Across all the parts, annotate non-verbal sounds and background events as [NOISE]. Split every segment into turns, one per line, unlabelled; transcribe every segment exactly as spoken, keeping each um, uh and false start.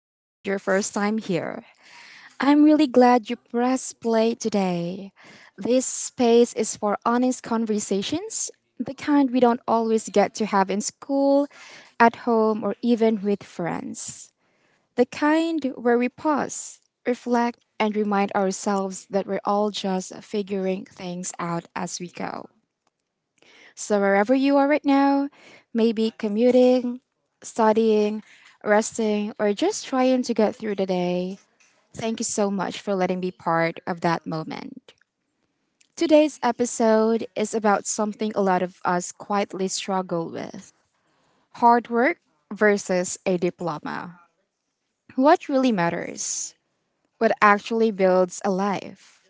if this is your first time here. I'm really glad you pressed play today. This space is for honest conversations, the kind we don't always get to have in school, at home, or even with friends. The kind where we pause, reflect, and remind ourselves that we're all just figuring things out as we go. So, wherever you are right now, maybe commuting, studying, resting, or just trying to get through the day, thank you so much for letting me part of that moment. Today's episode is about something a lot of us quietly struggle with: hard work versus a diploma. What really matters? What actually builds a life?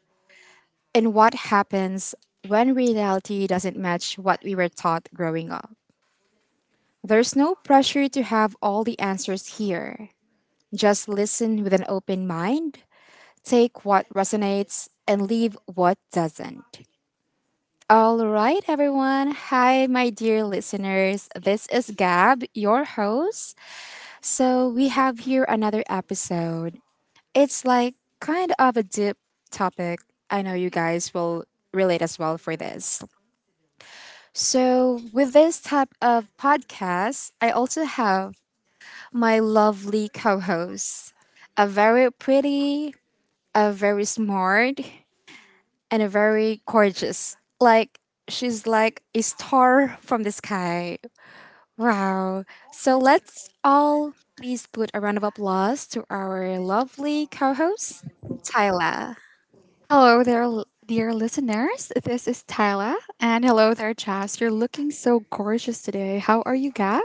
And what happens when reality doesn't match what we were taught growing up? There's no pressure to have all the answers here. Just listen with an open mind, take what resonates, and leave what doesn't. All right, everyone. Hi, my dear listeners. This is Gab, your host. So, we have here another episode. It's like kind of a deep topic. I know you guys will relate as well for this. So, with this type of podcast, I also have my lovely co host. A very pretty, a very smart, and a very gorgeous. Like, she's like a star from the sky. Wow. So let's all please put a round of applause to our lovely co host, Tyla.
Hello there, l- dear listeners. This is Tyla. And hello there, Chas. You're looking so gorgeous today. How are you, Gab?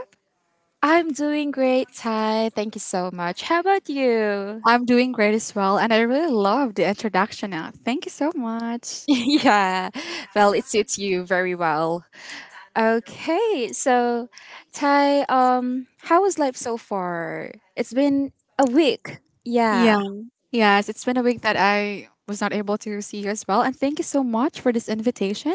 I'm doing great, Ty. Thank you so much. How about you?
I'm doing great as well. And I really love the introduction now. Thank you so
[LAUGHS]
much.
Yeah. Well, it suits you very well. Okay, so Ty, um, how was life so far? It's been a week.
Yeah.
Yeah.
Yes, it's been a week that I was not able to see you as well. And thank you so much for this invitation.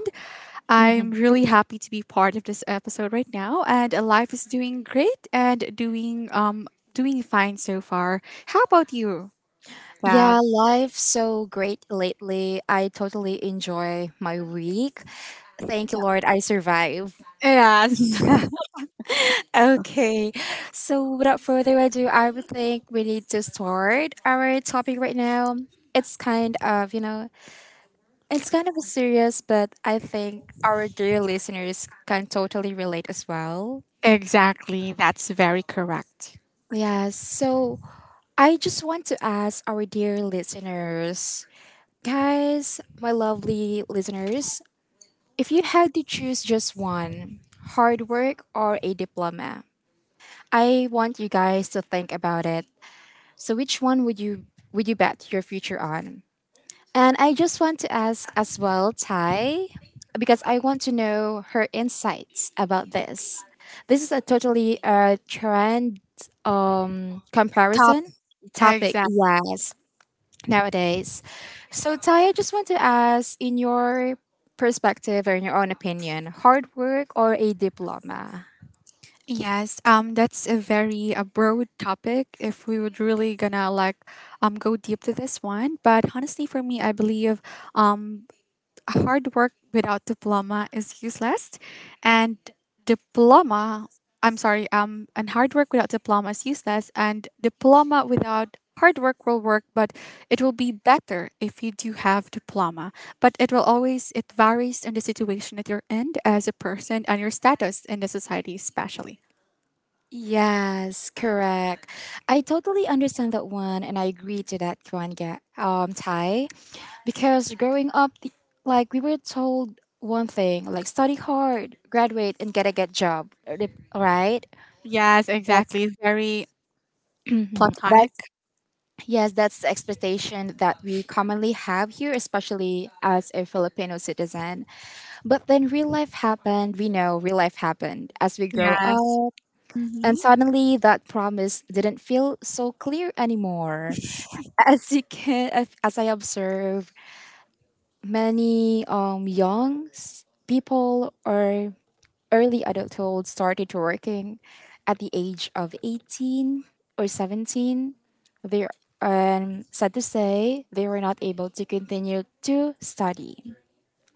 I'm
Mhm.
really happy to be part of this episode right now. And uh, life is doing great and doing um doing fine so far. How about you, Gab?
Yeah, life's so great lately. I totally enjoy my week. Thank you, Lord, I survive.
Yes.
Yeah. [LAUGHS] Okay. So without further ado, I would think we need to start our topic right now. It's kind of, you know, it's kind of serious, but I think our dear listeners can totally relate as well.
Exactly, that's very correct.
Yeah, so I just want to ask our dear listeners, guys, my lovely listeners, if you had to choose just one, hard work or a diploma, I want you guys to think about it. So which one would you would you bet your future on? And I just want to ask as well, Tai, because I want to know her insights about this. This is a totally uh, trend um,
Top
comparison topic,
exact.
yes, nowadays. So, Tai, I just want to ask in your perspective or in your own opinion, hard work or a diploma?
Yes, um that's a very a broad topic if we would really gonna like um go deep to this one, but honestly for me I believe um hard work without diploma is useless and diploma. I'm sorry. Um and hard work without diploma is useless, and diploma without hard work will work, but it will be better if you do have diploma. But it will always, it varies on the situation that you're in as a person and your status in the society especially.
Yes, correct. I totally understand that one, and I agree to that one, Ga- um, Ty. Because growing up, the, like we were told one thing, like study hard, graduate, and get a good job, right?
Yes,
That's
exactly, very
[CLEARS THROAT]
platonic.
that's yes, that's the expectation that we commonly have here, especially as a Filipino citizen. But then real life happened. We know real life happened as we grow
Yes.
up. And
Hmm.
suddenly, that promise didn't feel so clear anymore. [LAUGHS] As you can, as as I observe, many um, young s- people or early adulthood started working at the age of eighteen or seventeen. They um, sad to say, they were not able to continue to study,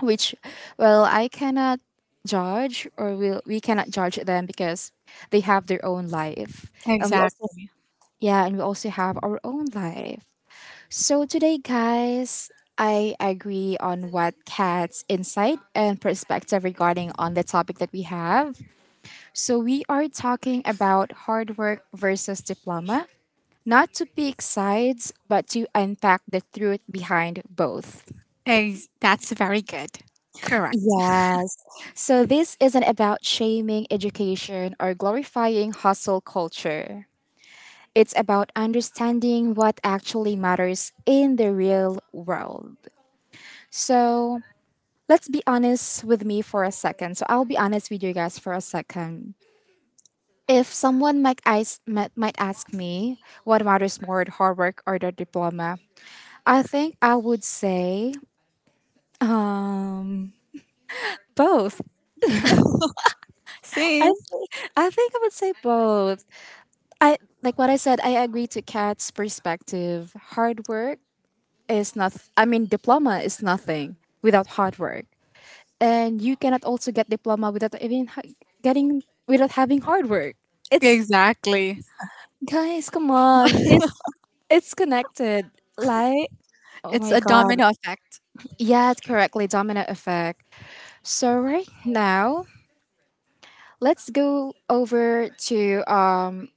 which, well, I cannot judge or will we cannot judge them because they have their own life. And we also
Exactly.
Yeah, and we also have our own life. So today, guys, I agree on what Kat's insight and perspective regarding on the topic that we have. So we are talking about hard work versus diploma, not to pick sides, but to unpack the truth behind both.
Ex- that's very good. Correct.
Yes. So this isn't about shaming education or glorifying hustle culture. It's about understanding what actually matters in the real world. So, let's be honest with me for a second. So I'll be honest with you guys for a second. If someone might ask, might might ask me what matters more, the hard work or the diploma, I think I would say both.
Same.
I think, I think I would say both. I Like what I said. I agree to Kat's perspective. Hard work is not. I mean, diploma is nothing without hard work, and you cannot also get diploma without even ha- getting without having hard work. It's
Exactly.
Guys, come on. It's it's connected. Like, oh
It's
my
a
god.
domino effect.
Yeah, it's correctly domino effect. So right now, let's go over to um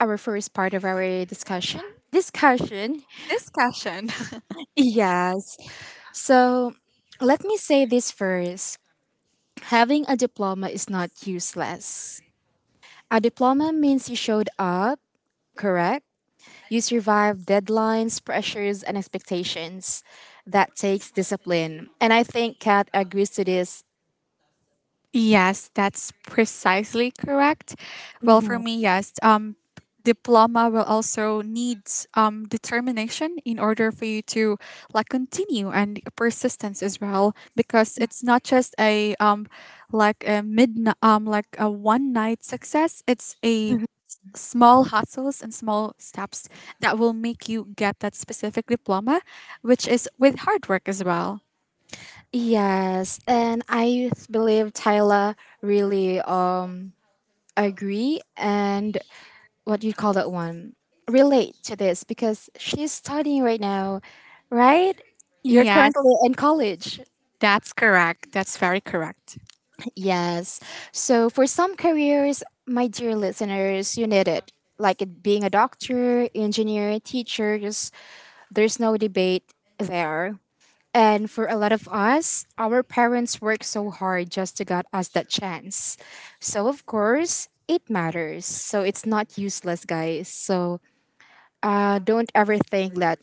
our first part of our discussion. Discussion.
Discussion. [LAUGHS]
Yes. So, let me say this first. Having a diploma is not useless. A diploma means you showed up, correct? You survive deadlines, pressures, and expectations. That takes discipline. And I think Kat agrees to this.
Yes, that's precisely correct. Well, for me, yes. Um, diploma will also needs um, determination in order for you to like continue, and persistence as well, because it's not just a um, like a mid um like a one night success. It's a
Mhm.
small hustles and small steps that will make you get that specific diploma, which is with hard work as well.
Yes, and I believe Tyler really um agree and what do you call that one? Relate to this because she's studying right now, right? You're
Yes,
currently in college.
that's correct. That's very correct.
Yes. So for some careers, my dear listeners, you need it. Like it being a doctor, engineer, teachers, there's no debate there. And for a lot of us, our parents worked so hard just to get us that chance. So of course, it matters. So it's not useless, guys. So uh, don't ever think that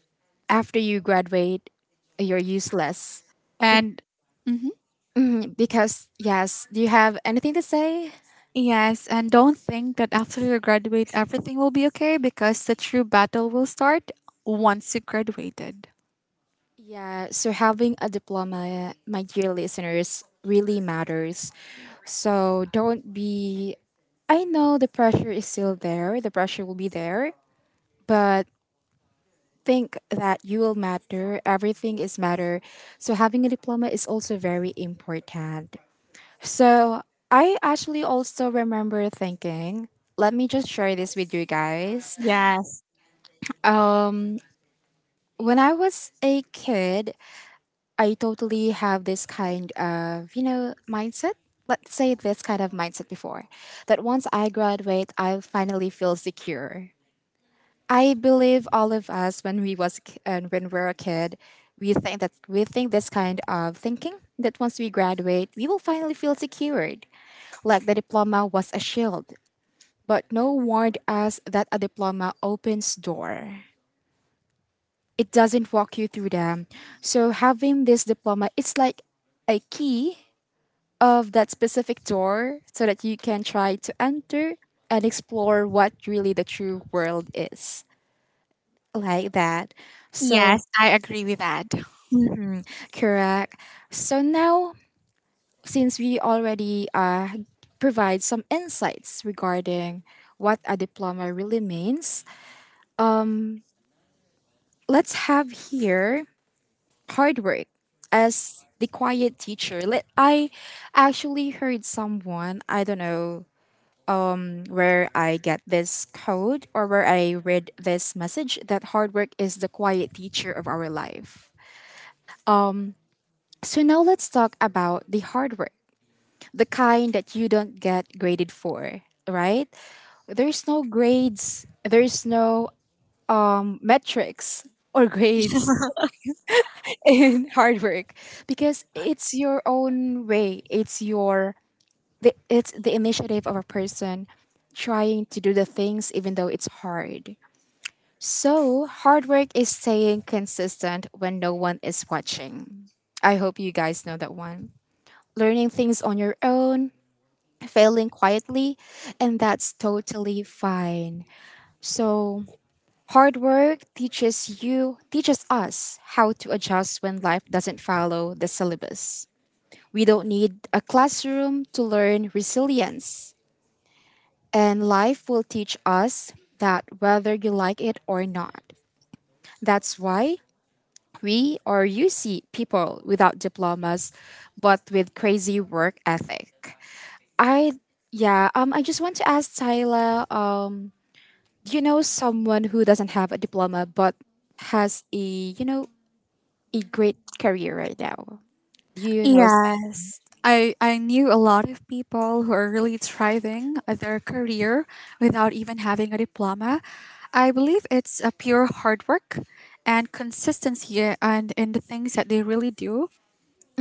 after you graduate, you're useless. Be-
And mhm.
[CLEARS THROAT] mhm, Because yes, do you have anything to say?
Yes, and don't think that after you graduate, everything will be okay, because the true battle will start once you graduated.
Yeah, so having a diploma, my dear listeners, really matters. So don't be. I know the pressure is still there, the pressure will be there, but think that you will matter. Everything is matter. So having a diploma is also very important. So I actually also remember thinking, let me just share this with you guys.
Yes.
Um, when I was a kid, I totally have this kind of, you know, mindset. Let's say this kind of mindset before that once I graduate, I'll finally feel secure. I believe all of us when we was and when we're a kid, we think that we think this kind of thinking that once we graduate, we will finally feel secured. Like the diploma was a shield, but no warned us that a diploma opens door. It doesn't walk you through them. So having this diploma, it's like a key of that specific door so that you can try to enter and explore what really the true world is like that. So
Yes, I agree with that.
mhm, correct. So now since we already uh, provide some insights regarding what a diploma really means, let's have here hard work as the quiet teacher. Let- I actually heard someone, I don't know where I get this code or where I read this message, that hard work is the quiet teacher of our life. So now let's talk about the hard work, the kind that you don't get graded for, right? There's no grades, there's no um, metrics or grades [LAUGHS] in hard work because it's your own way. It's your the, it's the initiative of a person trying to do the things even though it's hard. So, hard work is staying consistent when no one is watching. I hope you guys know that one. Learning things on your own, failing quietly, and that's totally fine. So, hard work teaches you, teaches us how to adjust when life doesn't follow the syllabus. We don't need a classroom to learn resilience. And life will teach us that whether you like it or not. That's why We or you see people without diplomas but with crazy work ethic. I yeah, um I just want to ask Tyler, um do you know someone who doesn't have a diploma but has, a you know, a great career right now? Do you know
Yes, I I knew a lot of people who are really thriving at their career without even having a diploma. I believe it's a pure hard work and consistency eh, and in the things that they really do.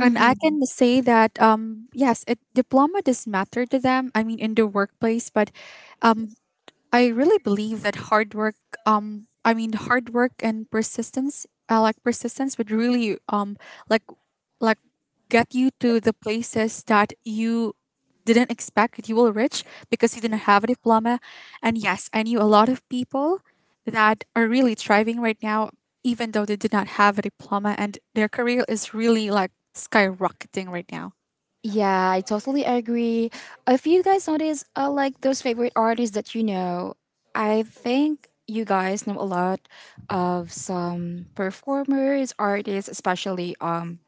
And I can say that um yes, a diploma does matter to them. I mean, in the workplace. But um I really believe that hard work, um, I mean, hard work and persistence, uh, like persistence, would really, um, like, like, get you to the places that you didn't expect that you will reach because you didn't have a diploma. And yes, I knew a lot of people that are really thriving right now, even though they did not have a diploma, and their career is really like skyrocketing right now.
Yeah, I totally agree. If you guys notice, uh, like those favorite artists that you know, I think you guys know a lot of some performers, artists, especially um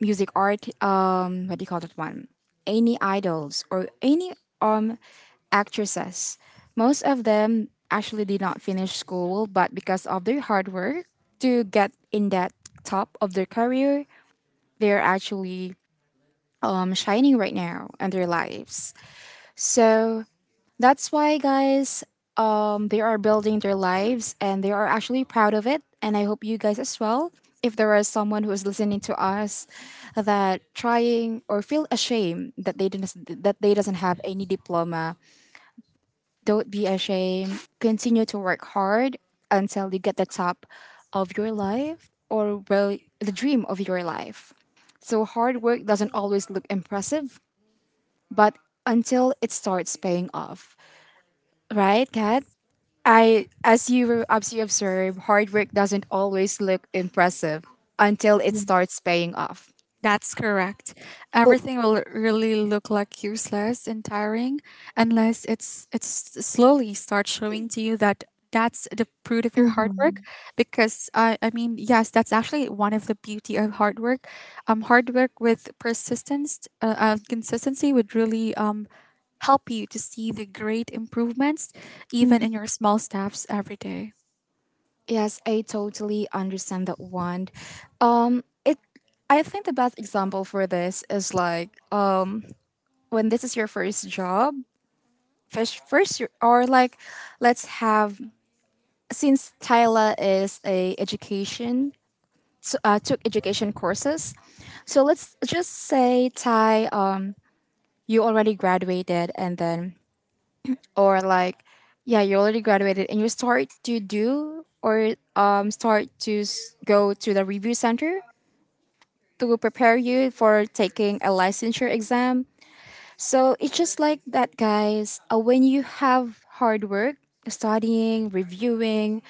music art. Um, what do you call that one? Any idols or any um actresses. Most of them actually did not finish school, but because of their hard work to get in that top of their career, they're actually um, shining right now in their lives. So that's why, guys, um, they are building their lives and they are actually proud of it. And I hope you guys as well. If there is someone who is listening to us that trying or feel ashamed that they didn't, that they doesn't have any diploma, don't be ashamed. Continue to work hard until you get the top of your life or well the dream of your life. So hard work doesn't always look impressive, but until it starts paying off. Right, Kat? I, as you as you observe, hard work doesn't always look impressive until it starts paying off.
That's correct. Everything will really look like useless and tiring unless it's it's slowly start showing to you that that's the fruit of your hard work, because I I mean yes, that's actually one of the beauty of hard work. Um hard work with persistence, uh, uh, consistency would really um help you to see the great improvements even
Mhm.
in your small steps every day.
Yes, I totally understand that one. Um, it I think the best example for this is like um when this is your first job, first first your- or like let's have, since Tyla is a education t- uh, took education courses. So let's just say, Ty, um, you already graduated, and then, or like, yeah, you already graduated, and you start to do or um, start to s- go to the review center to prepare you for taking a licensure exam. So it's just like that, guys. Uh, when you have hard work, studying, reviewing,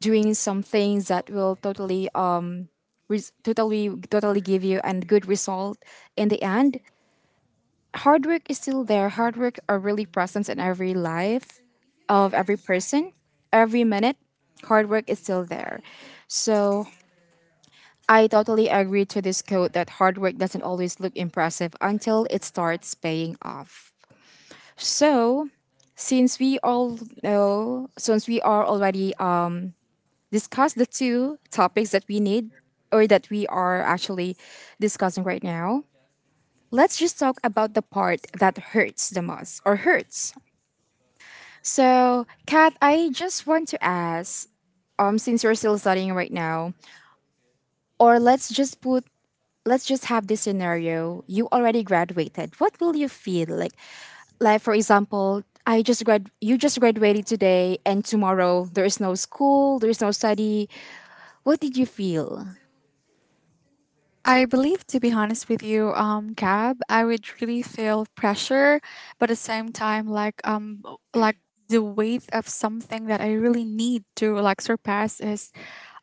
doing some things that will totally um, res- totally totally give you and good result in the end. Hard work is still there. Hard work are really present in every life of every person, every minute. Hard work is still there. So I totally agree to this quote that hard work doesn't always look impressive until it starts paying off. So since we all know, since we are already uh, discussed the two topics that we need, or that we are actually discussing right now. Let's just talk about the part that hurts the most or hurts. So, Kat, I just want to ask, um, since you're still studying right now, or let's just put, let's just have this scenario. You already graduated. What will you feel like? Like for example, I just grad, you just graduated today, and tomorrow there is no school, there is no study. What did you feel?
I believe, to be honest with you, um, Gab, I would really feel pressure, but at the same time, like um, o- like the weight of something that I really need to like surpass is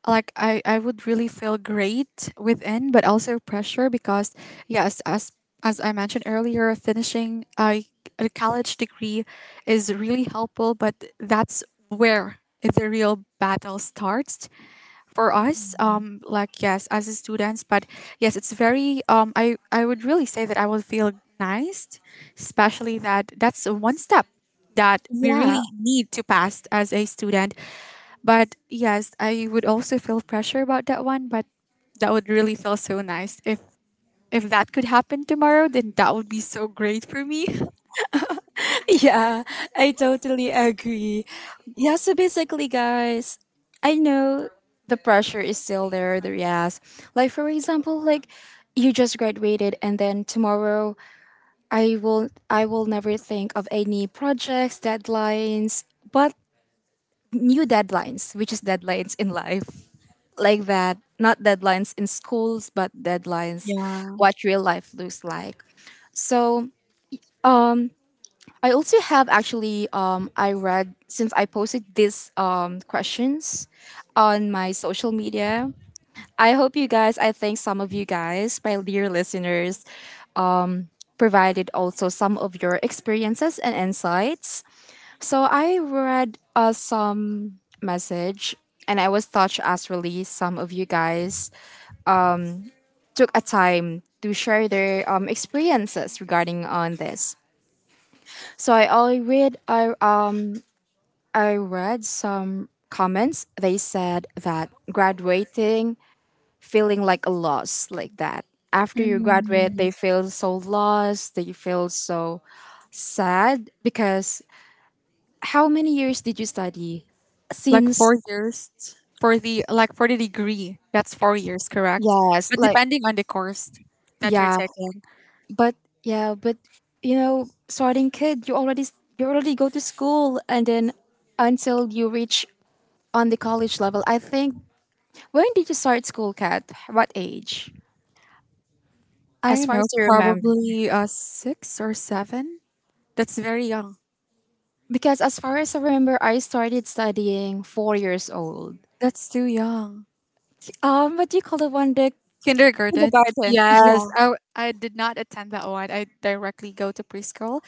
like I, I would really feel great within, but also pressure, because yes, as as I mentioned earlier, finishing a, a college degree is really helpful, but that's where the real battle starts for us.
Mhm.
Um like yes, as a students, but yes, it's very um i i would really say that I would feel nice, especially that that's a one step that we
Yeah,
really need to pass as a student. But yes, I would also feel pressure about that one, but that would really feel so nice if if that could happen tomorrow, then that would be so great for me. [LAUGHS]
yeah, I totally agree. Yeah, so basically, guys, I know the pressure is still there. The yes, like for example, like you just graduated, and then tomorrow I will I will never think of any projects, deadlines, but new deadlines, which is deadlines in life, like that. Not deadlines in schools, but deadlines,
Yeah.
what real life looks like. So I also have actually um I read since I posted these um questions on my social media. I hope you guys, I think some of you guys, my dear listeners, provided also some of your experiences and insights. So I read uh, some message and I was touched as really some of you guys took a time to share their um, experiences regarding on this. So I, I read I um I read some comments. They said that graduating feeling like a loss, like that. After you graduate, they
Mhm.
feel so lost, they feel so sad because how many years did you study?
Like
Since,
four years for the like for the degree. That's four years, correct?
yes,
But
like,
depending on the course that you're
yeah,
taking,
but, yeah, but, you know, starting kid, you already, you already go to school and then until you reach on the college level, I think, when did you start school, Kat? What age?
I
As
don't
far
know,
as I remember.
probably uh six or seven. That's very young.
Because as far as I remember, I started studying four years old.
That's too young.
Um, what do you call the one the
Kindergarten.
kindergarten?
Yes,
Yeah.
I w- I did not attend that one. I directly go to preschool.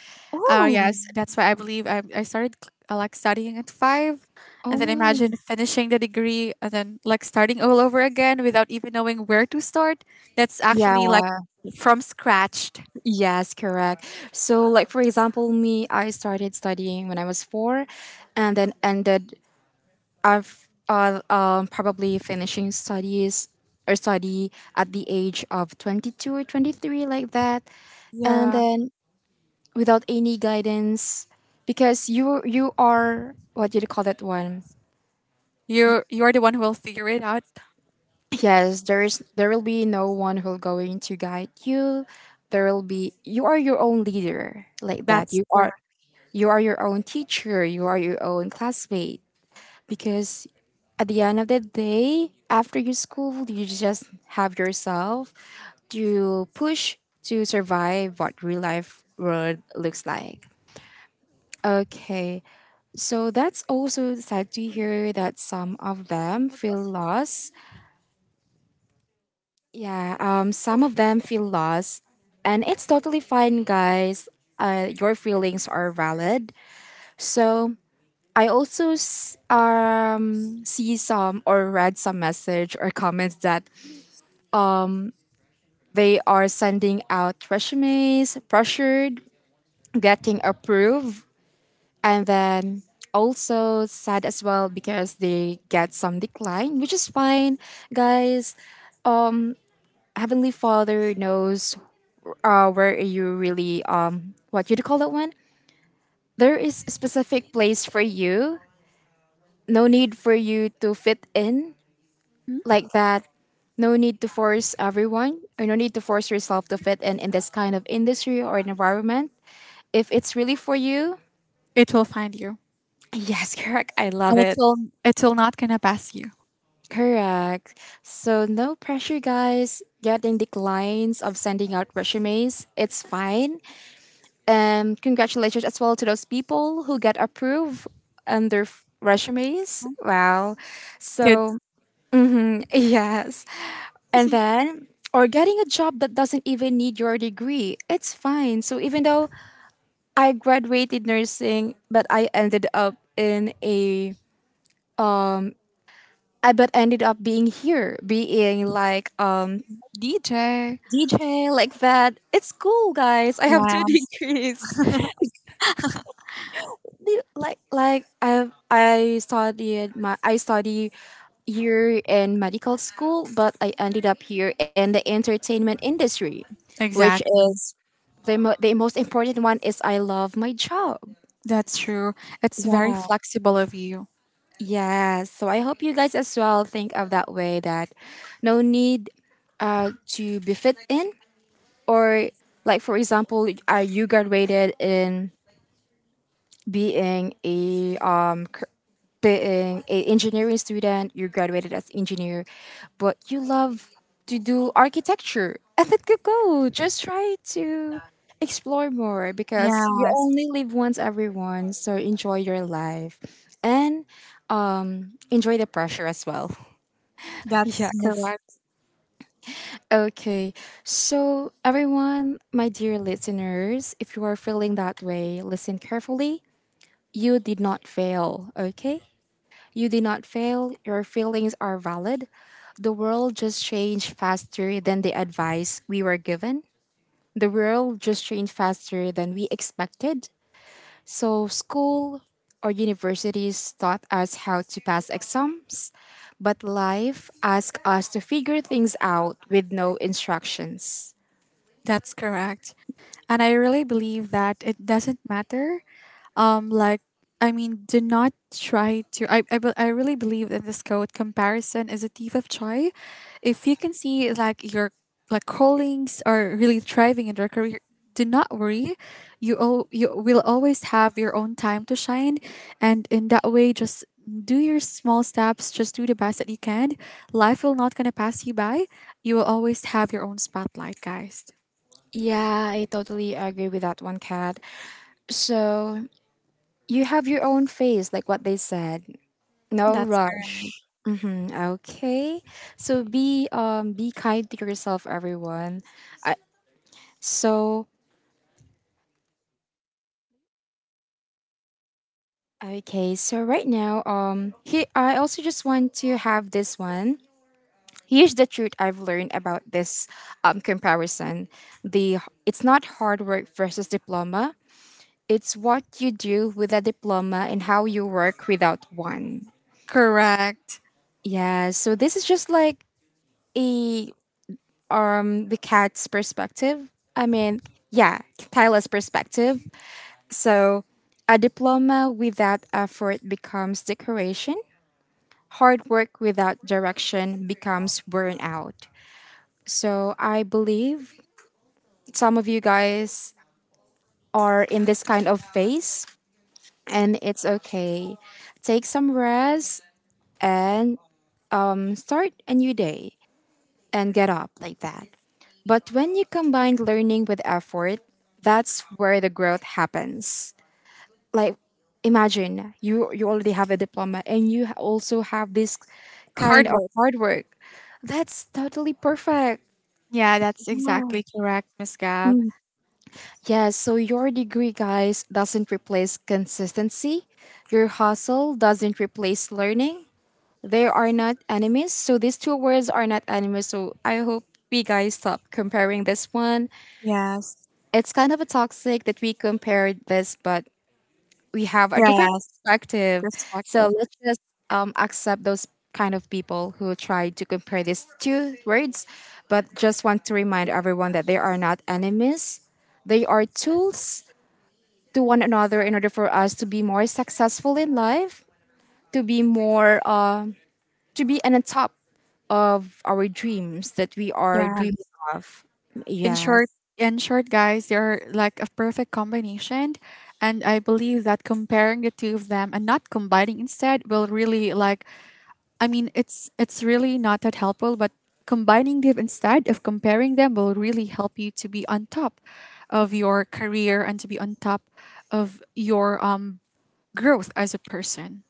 Oh
Oh.
yes, that's why I believe I, I started uh, like studying at five, and then
Oh.
imagine finishing the degree and then like starting all over again without even knowing where to start. That's actually like
Yeah.
from scratch.
Yes, correct. So like for example, me, I started studying when I was four and then ended I've uh, um probably finishing studies or study at the age of twenty-two or twenty-three like that, and
Yeah,
then without any guidance because you you are what do you call that one.
you're you're the one who will figure it out.
Yes, there is there will be no one who'll going to guide you. There will be, you are your own leader like that.
That's
You are,
where.
you are your own teacher, you are your own classmate, because at the end of the day after your school you just have yourself to push, to survive what real life world looks like. Okay. So that's also sad to hear that some of them feel lost. Yeah, um, some of them feel lost. And it's totally fine, guys. Uh, your feelings are valid. So I also s- um, see some or read some message or comments that they are sending out resumes, pressured, getting approved and then also sad as well because they get some decline, which is fine, guys. Heavenly Father knows uh, where you really um what you call that one. There is a specific place for you. No need for you to fit in
Hmm?
like that. No need to force everyone, or no need to force yourself to fit in in this kind of industry or environment. If it's really for you,
It will find you,
[LAUGHS] yes, correct. I love
and it
it.
will it will not gonna pass you.
Correct. So no pressure, guys. Getting declines of sending out resumes, it's fine. And congratulations as well to those people who get approved on their f- resumes. Wow.
Good.
So [LAUGHS] yes, and
[LAUGHS]
then or getting a job that doesn't even need your degree, it's fine. So even though I graduated nursing, but I ended up in a I but ended up being here, being like um
D J.
D J like that. It's cool, guys. I have
Yeah,
two [LAUGHS] degrees. Do- Like like I I studied my I study here in medical school, but I ended up here in the entertainment industry, which
exactly.
is the mo- the most important one is I love my job.
That's true. It's very
Yeah.
flexible of you.
Yeah. So I hope you guys as well think of that way that no need uh, to be fit in or like for example, are you graduated in being a um cur- being a engineering student, you graduated as engineer, but you love to do architecture. [LAUGHS] And let it go. Just try to explore more because you
Yes,
only live once everyone, so enjoy your life and enjoy the pressure as well.
that's correct.
Okay, so everyone, my dear listeners, if you are feeling that way, listen carefully. You did not fail, okay? You did not fail, your feelings are valid. The world just changed faster than the advice we were given. The world just changed faster than we expected. So, school or universities taught us how to pass exams, but life asked us to figure things out with no instructions.
That's correct. And I really believe that it doesn't matter. Um, like, I mean, do not try to. I, I, be- I really believe in this quote, comparison is a thief of joy. If you can see, like, your like colleagues are really thriving in their career, do not worry. You, all, you will always have your own time to shine. And in that way, just do your small steps, just do the best that you can. Life will not going to pass you by. You will always have your own spotlight, guys.
Yeah, I totally agree with that one, Kat. So you have your own phase, like what they said. No
That's
rush.
correct.
Mm-hmm. Okay. So be um be kind to yourself, everyone. I, so okay. So right now, um, here I also just want to have this one. Here's the truth I've learned about this um comparison. The it's not hard work versus diploma. It's what you do with a diploma and how you work without one.
Correct.
Yeah. So this is just like a um the cat's perspective. I mean, yeah, Tyler's perspective. So, a diploma without effort becomes decoration. Hard work without direction becomes burnout. So, I believe some of you guys are in this kind of phase and it's okay. Take some rest and um, start a new day, and get up like that. But when you combine learning with effort, that's where the growth happens. Like imagine you you already have a diploma and you ha- also have this kind
Hard
of
work.
hard work. That's totally perfect.
Yeah, that's
Yeah.
exactly correct, Miss Gab.
Yeah, so your degree, guys, doesn't replace consistency. Your hustle doesn't replace learning. They are not enemies. So these two words are not enemies. So I hope we guys stop comparing this one.
Yes.
It's kind of a toxic that we compared this, but we have a different
Yes.
perspective. So
Perspective.
let's just um, accept those kind of people who try to compare these two words, but just want to remind everyone that they are not enemies. They are tools to one another in order for us to be more successful in life, to be more, uh, to be on the top of our dreams that we are
Yeah.
dreaming of.
In
Yes.
short, in short, guys, they're like a perfect combination. And I believe that comparing the two of them and not combining instead will really like, I mean, it's it's really not that helpful, but combining them instead of comparing them will really help you to be on top of your career and to be on top of your um growth as a person.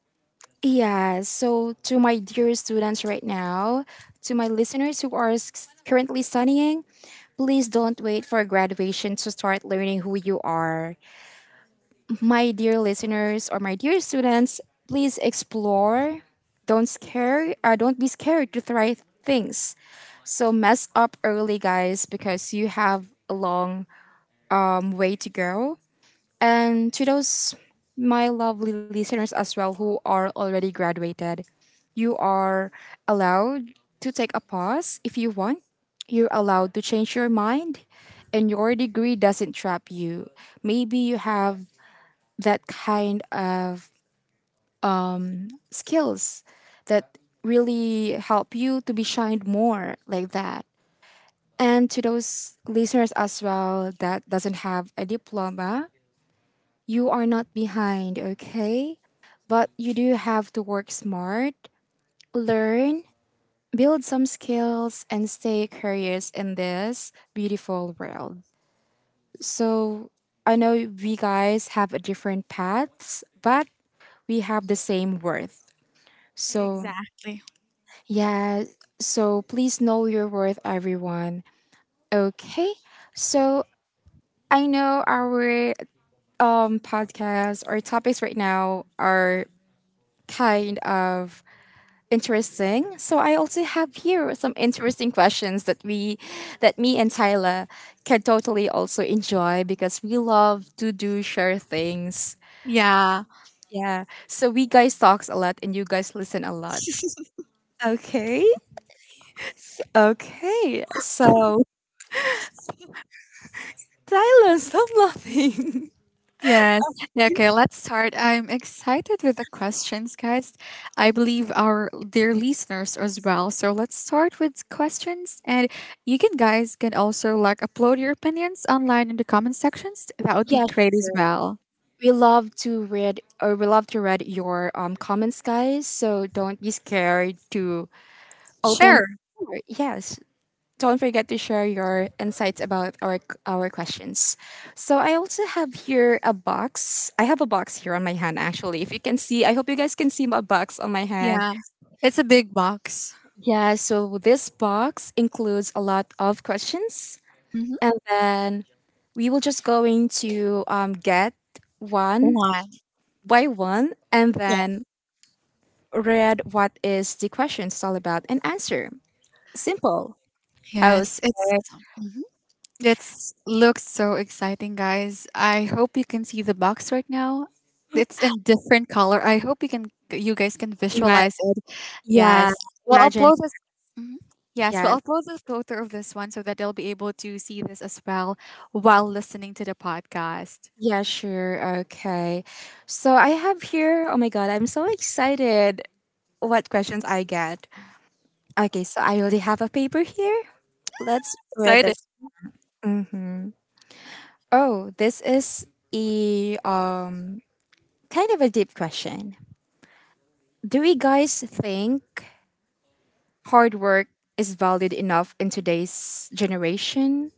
Yeah, so to my dear students right now, to my listeners who are s- currently studying, please don't wait for graduation to start learning who you are. My dear listeners or my dear students, please explore. Don't scare, uh, don't be scared to try things. So mess up early, guys, because you have a long um, way to go. And to those my lovely listeners as well who are already graduated, you are allowed to take a pause if you want. You're allowed to change your mind and your degree doesn't trap you. Maybe you have that kind of skills that really help you to be shined more like that. And to those listeners as well that doesn't have a diploma, you are not behind, okay? But you do have to work smart, learn, build some skills, and stay curious in this beautiful world. So I know we guys have a different paths, but we have the same worth. So,
Exactly.
yeah, so please know your worth, everyone. Okay, so I know our um, podcast or topics right now are kind of interesting. So I also have here some interesting questions that we that me and Tyler can totally also enjoy because we love to do share things.
Yeah.
Yeah. So we guys talks a lot and you guys listen a lot. Okay. Okay. So Tyler, stop laughing. [LAUGHS]
Yes. Yeah, okay, let's start. I'm excited with the questions, guys. I believe our dear listeners as well. So let's start with questions, and you can guys can also like upload your opinions online in the comment sections. That would be
Yeah,
great as
sure.
well.
We love to read or we love to read your um comments guys, so don't be scared to open.
Sure.
Sure, yes. Don't forget to share your insights about our our questions. So I also have here a box. I have a box here on my hand actually. If you can see, I hope you guys can see my box on my hand.
Yeah. It's a big box.
Yeah, so this box includes a lot of questions,
Mm-hmm.
and then we will just going to um, get one
One.
by one and
Yeah.
then read what is the question is all about and answer. Simple, I would
Yes. It's.
say.
That looks so exciting, guys. I hope you can see the box right now. It's in different color. I hope you can, you guys can
ima-
visualize it.
yeah,
Yes. We'll
imagine,
upload this. Mhm. Yes, we'll
yeah,
upload the photo of this one so that they'll be able to see this as well while listening to the podcast.
Yeah, sure. Okay. So I have here, oh my God, I'm so excited what questions I get. Okay, so I already have a paper here. Let's read
Excited.
this. Mm-hmm. Oh, this is a um kind of a deep question. Do you guys think hard work is valued enough in today's generation?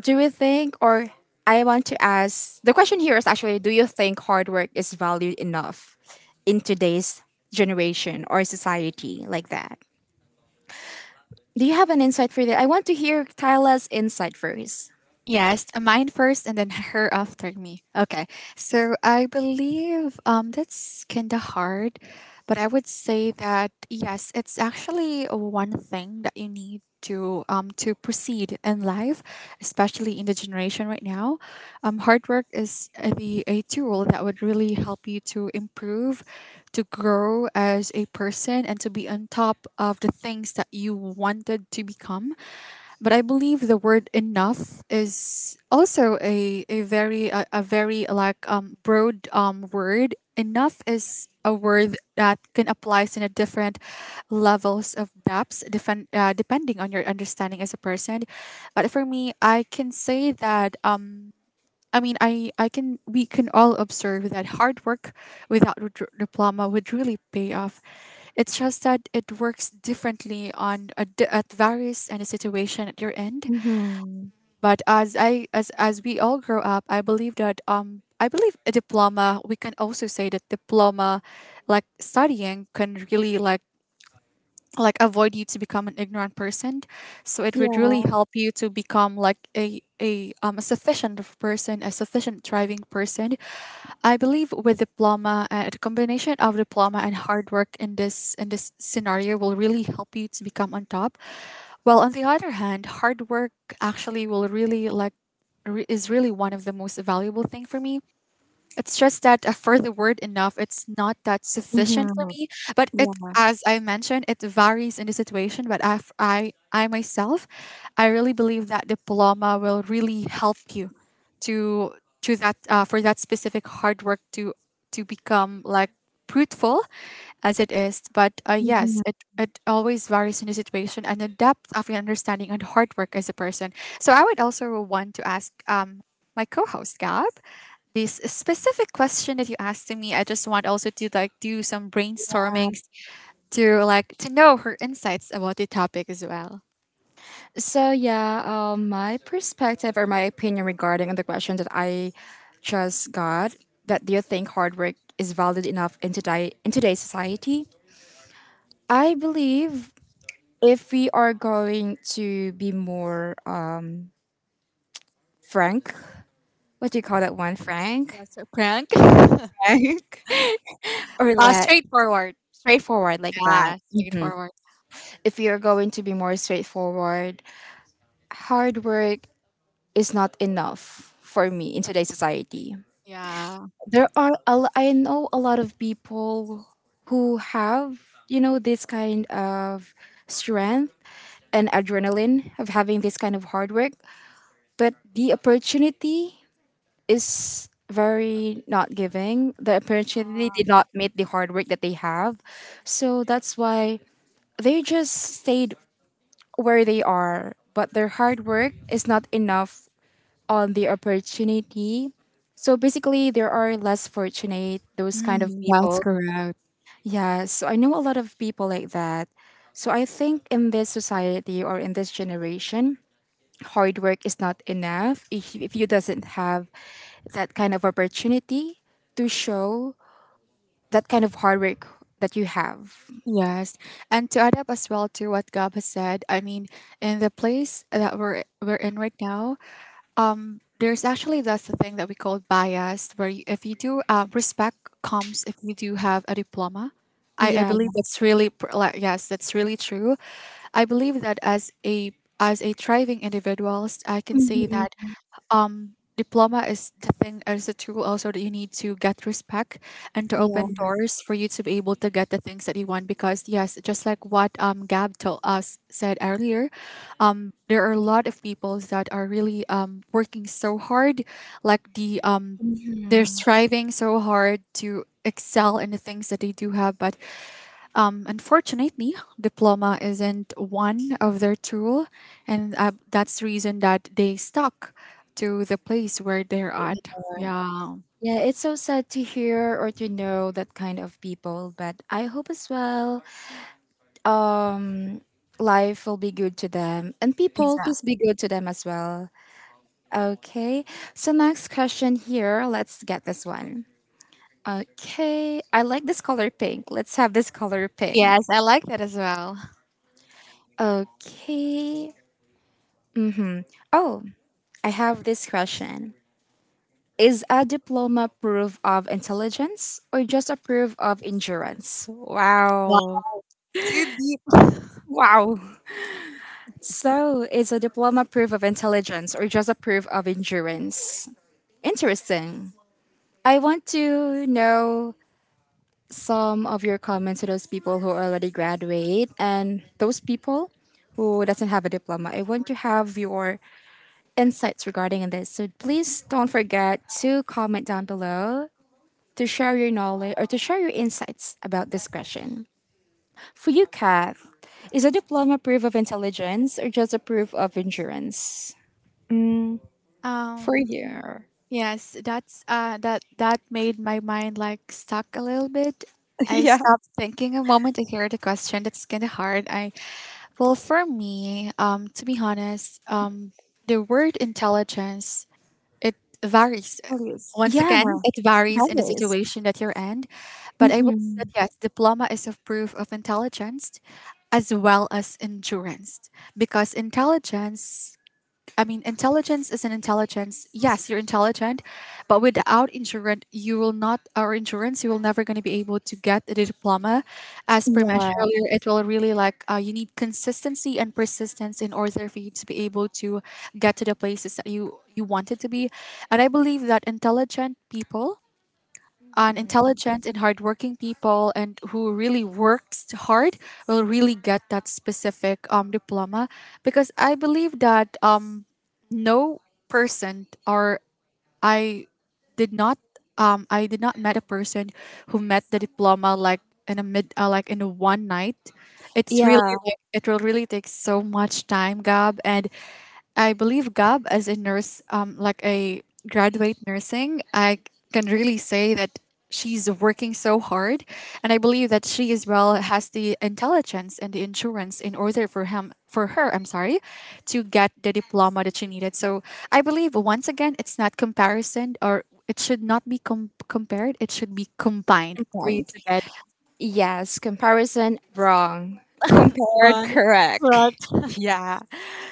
Do you think, or I want to ask the question here is actually do you think hard work is valued enough in today's generation or society? Like that? Do you have an insight for that? I want to hear Tyla's insight first.
Yes, mine first and then [LAUGHS] her after me. Okay. So I believe um that's kind of hard, but I would say that yes, it's actually one thing that you need to um to proceed in life, especially in the generation right now. Um hard work is a- the a tool that would really help you to improve, to grow as a person, and to be on top of the things that you wanted to become. But I believe the word enough is also a, a very a, a very like um broad um word. Enough is a word that can applies in a different levels of depths defen- uh, depending on your understanding as a person. But for me, I can say that um I mean, I, I can, we can all observe that hard work without a dr- diploma would really pay off. It's just that it works differently on a di- at various and a situation at your end.
Mm-hmm.
But as I as as we all grow up, I believe that um I believe a diploma. We can also say that diploma, like studying, can really like like avoid you to become an ignorant person, so it would really
Yeah.
help you to become like a a um a sufficient of person, a sufficient thriving person. I believe with diploma, uh, the combination of diploma and hard work in this in this scenario will really help you to become on top. Well, on the other hand, hard work actually will really like re- is really one of the most valuable thing for me. It's just that, uh, for the word enough, it's not that
Mhm.
sufficient for me. But it,
Yeah.
as I mentioned, it varies in the situation. But I, I, I myself, I really believe that diploma will really help you to to that, uh, for that specific hard work to to become like fruitful as it is. But uh, yes,
Mhm.
it it always varies in the situation and the depth of your understanding and hard work as a person. So I would also want to ask um my co-host Gab this specific question that you asked to me. I just want also to like do some brainstormings to like to know her insights about the topic as well.
So yeah, um, my perspective or my opinion regarding on the question that I just got, that do you think hard work is valued enough in today in today's society? I believe if we are going to be more um frank, what do you call that one?
Yeah,
Frank,
so prank.
[LAUGHS] frank, or
Uh
like
straightforward.
straightforward like that.
Yeah,
Hmm.
straightforward.
If we are going to be more straightforward, hard work is not enough for me in today's society.
Yeah.
There are a l- I know a lot of people who have, you know, this kind of strength and adrenaline of having this kind of hard work, but the opportunity is very not giving. The opportunity did
Wow.
not meet the hard work that they have. So that's why they just stayed where they are. But their hard work is not enough on the opportunity. So basically, there are less fortunate, those kind of
Mm, that's
people.
correct,
Yeah, so I know a lot of people like that. So I think in this society or in this generation, hard work is not enough if, if you doesn't have that kind of opportunity to show that kind of hard work that you have.
yes, and to add up as well to what Gab has said, I mean, in the place that we're we're in right now, um there's actually that's the thing that we call bias where you, if you do uh, respect comes if you do have a diploma. I, I
Yeah.
believe that's really pr- like, yes, that's really true. I believe that as a as a thriving individualist I can say
Mhm.
that um, diploma is the thing, is a tool also that you need to get respect and to
Yeah.
open doors for you to be able to get the things that you want, because yes, just like what um Gab told us said earlier, um there are a lot of people that are really um working so hard, like the um they're
Mhm.
striving so hard to excel in the things that they do have, but um, unfortunately, diploma isn't one of their tool, and uh, that's the reason that they stuck to the place where they're at. Yeah,
Yeah, it's so sad to hear or to know that kind of people, but I hope as well, um life will be good to them, and people
exactly.
please be good to them as well. Okay, so next question here, let's get this one. Okay. I like this color pink. Let's have this color pink.
Yes, I like that as well.
Okay. Mm-hmm. Oh, I have this question. Is a diploma proof of intelligence or just a proof of endurance?
Wow,
Wow.
too deep.
Wow. So, is a diploma proof of intelligence or just a proof of endurance? Interesting. I want to know some of your comments to those people who already graduate and those people who doesn't have a diploma. I want to have your insights regarding this. So please don't forget to comment down below to share your knowledge or to share your insights about this question. For you, Kath, is a diploma proof of intelligence or just a proof of endurance?
Um, yes, that's uh, that that made my mind like stuck a little bit. I stopped thinking a moment to hear the question. That's kind of hard. I well, for me, um, to be honest, um, the word intelligence, It varies.
Values.
Once
Yeah,
again, it varies in the
values.
situation that you're in. But I believe
Mm-hmm.
that yes, diploma is a proof of intelligence as well as endurance, because intelligence I mean, intelligence is an intelligence. Yes, you're intelligent, but without insurance, you will not, or insurance, you will never going to be able to get the diploma. As per
Yeah.
mentioned earlier, it will really like uh, you need consistency and persistence in order for you to be able to get to the places that you you wanted to be. And I believe that intelligent people an
Mhm.
intelligent and hardworking people and who really works hard will really get that specific um, diploma, because I believe that um, no person or I did not um I did not met a person who met the diploma like in a mid uh, like in a one night. It's
Yeah.
really like it will really take so much time, Gab, and I believe Gab as a nurse, um, like a graduate nursing, I can really say that she's working so hard, and I believe that she as well has the intelligence and the insurance in order for him, for her, I'm sorry, to get the diploma that she needed. So I believe once again, it's not comparison or it should not be com- compared. It should be combined
I'm
for you
trying.
to get.
Yes, comparison wrong. Compared
My
correct. [LAUGHS]
God.
Yeah.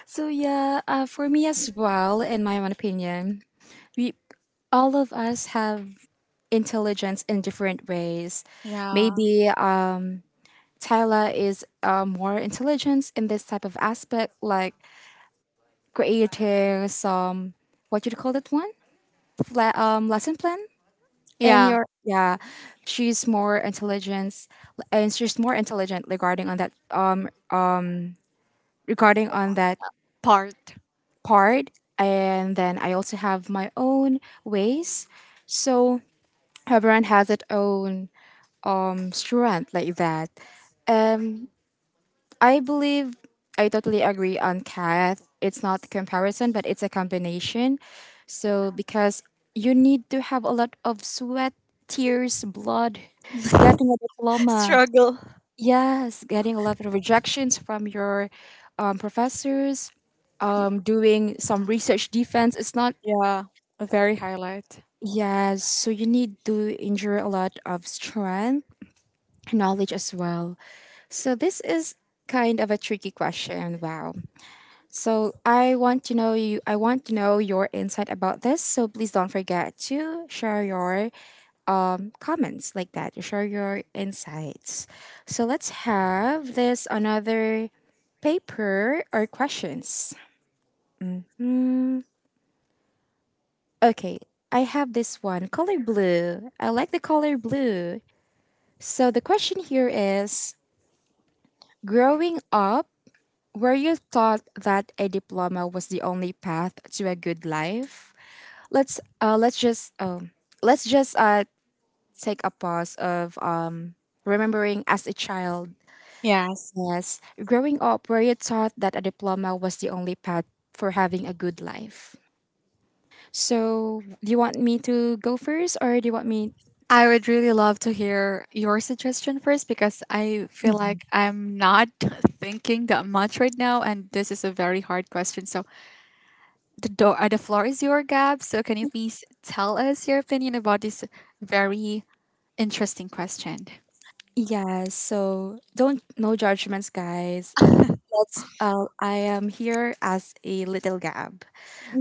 So yeah, uh, for me as well, in my own opinion, we all of us have intelligence in different ways.
Yeah.
Maybe um, Tyla is uh, more intelligent in this type of aspect, like creating some, what do you call that one? Fla- um, lesson plan and
Yeah.
your, yeah, she's more intelligent. And she's more intelligent regarding on that, um regarding on that
Part.
part. And then I also have my own ways. So everyone has its own um strength like that. um I believe, I totally agree on Kath, it's not comparison but it's a combination. So because you need to have a lot of sweat, tears, blood getting a
[LAUGHS]
diploma.
Struggle.
Yes, getting a lot of rejections from your um, professors, um, doing some research defense. It's not,
Yeah. A very highlight.
yes, so you need to endure a lot of strength, knowledge as well. So this is kind of a tricky question. Wow. So I want to know you. I want to know your insight about this. So please don't forget to share your um, comments like that, to share your insights. So let's have this another paper or questions. Okay, I have this one color blue. I like the color blue. So the question here is, growing up, were you taught that a diploma was the only path to a good life? Let's uh let's just um let's just uh take a pause of um remembering as a child.
Yes.
Yes, growing up, where you thought that a diploma was the only path for having a good life. So, do you want me to go first or do you want me?
I would really love to hear your suggestion first, because I feel
Mhm.
like I'm not [LAUGHS] thinking that much right now, and this is a very hard question. So the door, uh, the floor is your Gab. So can you please tell us your opinion about this very interesting question?
Yes, so don't, no judgments, guys. Let's, uh, I am here as a little Gab.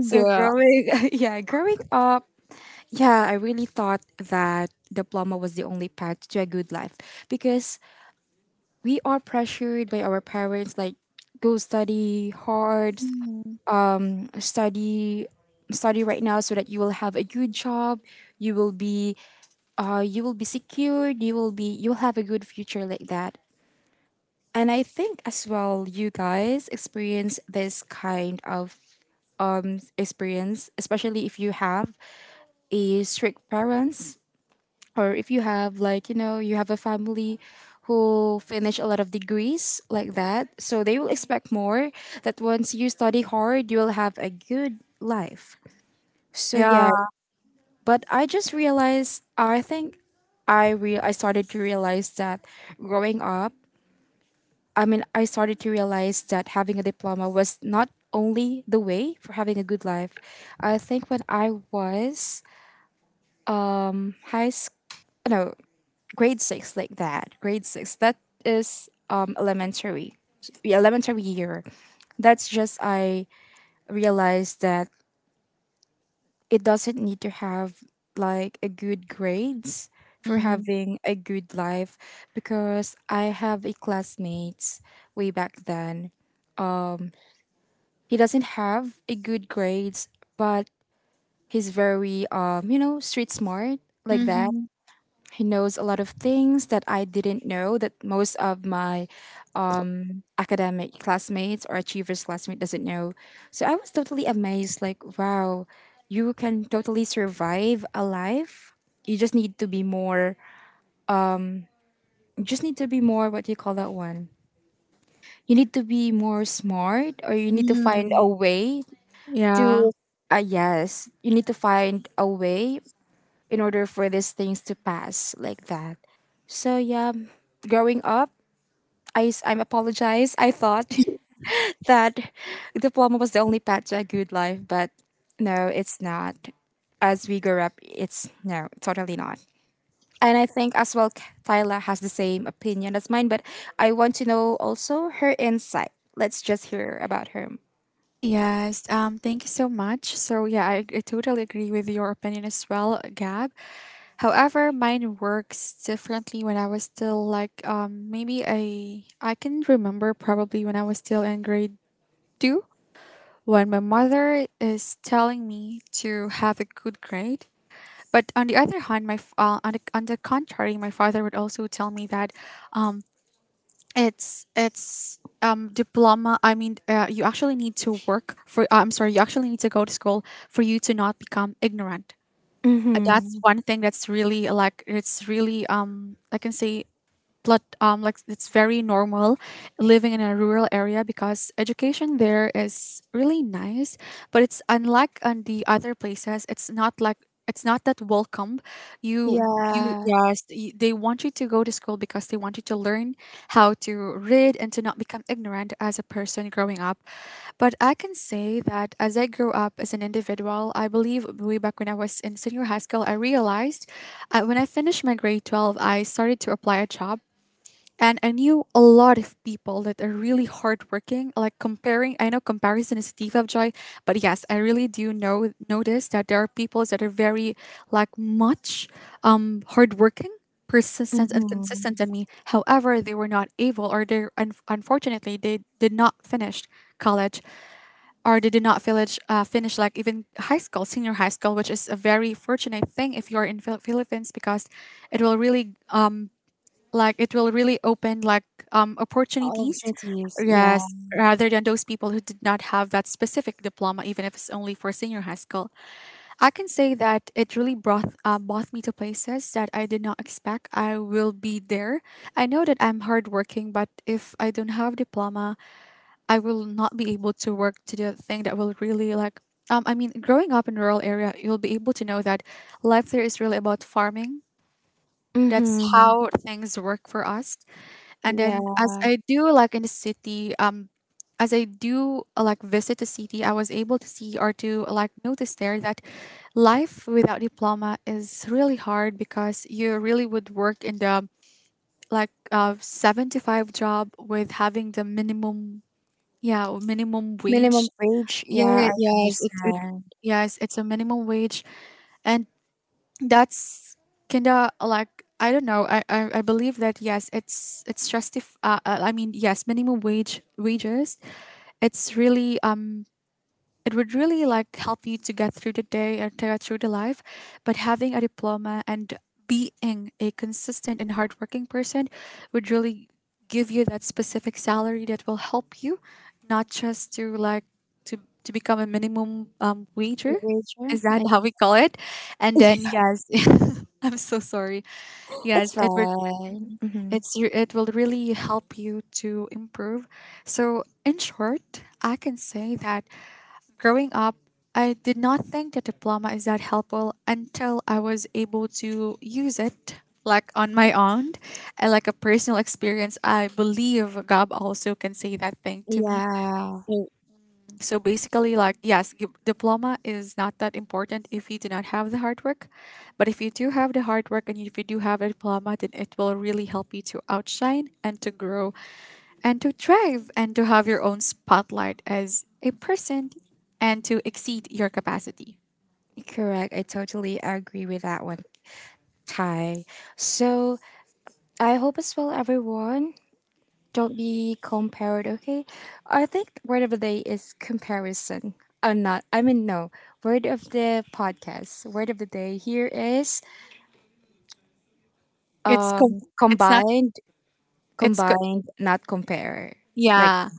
So, growing, [LAUGHS] yeah, growing up, yeah, I really thought that diploma was the only path to a good life because we are pressured by our parents, like, go study hard,
Mhm.
study, study right now so that you will have a good job, you will be, uh, you will be secured, you will be, you'll have a good future like that. And I think as well you guys experience this kind of um experience, especially if you have a strict parents, or if you have like, you know, you have a family who finish a lot of degrees like that, so they will expect more that once you study hard you will have a good life. So yeah,
Yeah.
but I just realized, I think I re- I started to realize that growing up, I mean, I started to realize that having a diploma was not only the way for having a good life. I think when I was high school, no, grade six like that. Grade six, that is um elementary. Yeah, elementary year. That's just I realized that it doesn't need to have like a good grades for
Mhm.
having a good life because I have a classmate way back then. He doesn't have a good grades, but he's very um, you know, street smart like that.
Mhm.
He knows a lot of things that I didn't know, that most of my academic classmates or achievers classmate doesn't know. So I was totally amazed, like wow, you can totally survive a life. You just need to be more, you just need to be more, what do you call that one? You need to be more smart, or you need to find
Mhm.
a way to,
Yeah.
uh, yes, you need to find a way in order for these things to pass like that. So yeah, growing up, I s- I'm apologize, I thought [LAUGHS] that diploma was the only path to a good life, but no, it's not. As we grow up, it's no, totally not. And I think as well, K- Tyla has the same opinion as mine, but I want to know also her insight. Let's just hear about her.
Yes. Um. Thank you so much. So yeah, I, I totally agree with your opinion as well, Gab. However, mine works differently when I was still like um maybe I I can remember probably when I was still in grade two, when my mother is telling me to have a good grade. But on the other hand, my f- uh, on, the, on the contrary, my father would also tell me that um. It's it's um diploma. I mean, uh, you actually need to work for. Uh, I'm sorry, you actually need to go to school for you to not become ignorant. Uh, That's
Mm-hmm.
one thing that's really like it's really um I can say blood um like it's very normal living in a rural area, because education there is really nice, but it's unlike on the other places, it's not like it's not that welcomed. You you
Yeah.
yes y- they want you to go to school because they want you to learn how to read and to not become ignorant as a person growing up. But I can say that as I grew up as an individual, I believe way back when I was in senior high school, I realized uh, when I finished my grade twelve, I started to apply a job, and I knew a lot of people that are really hardworking. Like comparing, I know comparison is a thief of joy, but yes, I really do know notice that there are people that are very like much um hardworking, persistent, and
Mm-hmm.
consistent than me. However, they were not able, or they un- unfortunately they did not finish college, or they did not finish uh, finish like even high school, senior high school, which is a very fortunate thing if you are in Phil- Philippines, because it will really um like it will really open like um
All
opportunities,
opportunities. Yeah.
yes, rather than those people who did not have that specific diploma, even if it's only for senior high school. I can say that it really brought uh, brought me to places that I did not expect I will be there. I know that I'm hardworking, but if I don't have diploma, I will not be able to work to the thing that will really like um, I mean, growing up in rural area, you'll be able to know that life there is really about farming. That's
Mm-hmm.
how things work for us. And then as
Yeah.
I do like in the city, um, as I do uh, like visit the city, I was able to see or to like notice there that life without diploma is really hard, because you really would work in the like uh seven to five job with having the minimum, yeah, minimum wage.
Minimum wage.
Yeah,
Yeah, I
yes, it, it
understand.
yes, it's a minimum wage, and that's kinda like I don't know. I, I, I believe that yes, it's it's justif. Uh, uh, I mean yes, minimum wage wages. It's really um it would really like help you to get through the day or to get through the life. But having a diploma and being a consistent and hardworking person would really give you that specific salary that will help you, not just to like to to become a minimum um, wager.
Wage. Yeah,
Is that
like,
how we call it? And then
[LAUGHS]
yes, [LAUGHS] I'm so sorry. Yes,
it's
it would.
fine.
Mhm.
Mm-hmm.
It's re- it will really help you to improve. So in short, I can say that growing up, I did not think the diploma is that helpful until I was able to use it like on my own and like a personal experience. I believe Gab also can say that thing to me.
Yeah.
So basically, like yes, gi- diploma is not that important if you do not have the hard work, but if you do have the hard work and if you do have a diploma, then it will really help you to outshine and to grow and to thrive and to have your own spotlight as a person and to exceed your capacity.
Correct. I totally agree with that one, Ty. So I hope as well, everyone, don't be compared, okay? I think word of the day is comparison. Uh, not, I mean, no. Word of the podcast, word of the day here is
it's com-
um,
it's not
combined,
it's co-
combined, not compare. Like,
yeah,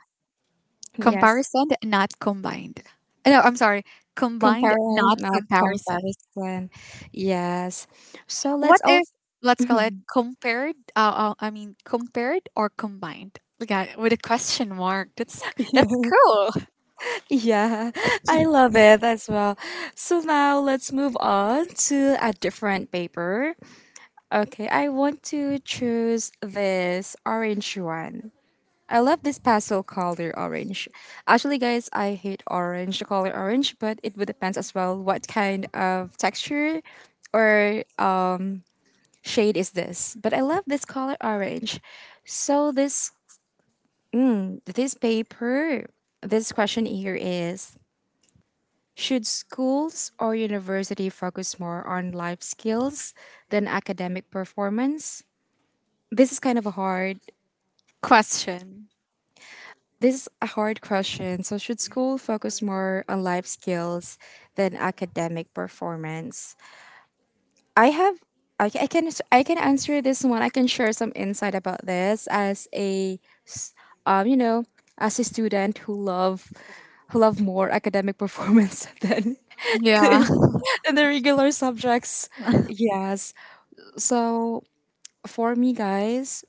yes,
comparison not combined. No, I'm sorry, combined
comparing,
not
not
comparison.
comparison. Yes. So let's
What
all.
if let's call it
[LAUGHS]
compared? Uh, uh, I mean compared or combined? Look at it with a question mark. That's that's
Yeah.
cool.
Yeah, [LAUGHS] I love it as well. So now let's move on to a different paper. Okay, I want to choose this orange one. I love this pastel color orange. Actually, guys, I hate orange, the color orange, but it would depends as well what kind of texture or uh, shade is this, but I love this color orange. So this this paper, this question here is, should schools or university focus more on life skills than academic performance? This is kind of a hard,
Question.
this is a hard question. So should school focus more on life skills than academic performance? I have, I, ca- I can I can answer this one. I can share some insight about this as a um you know, as a student who love, who love more academic performance [LAUGHS] than
Yeah.
the, than the regular subjects. Yes. So for me, guys,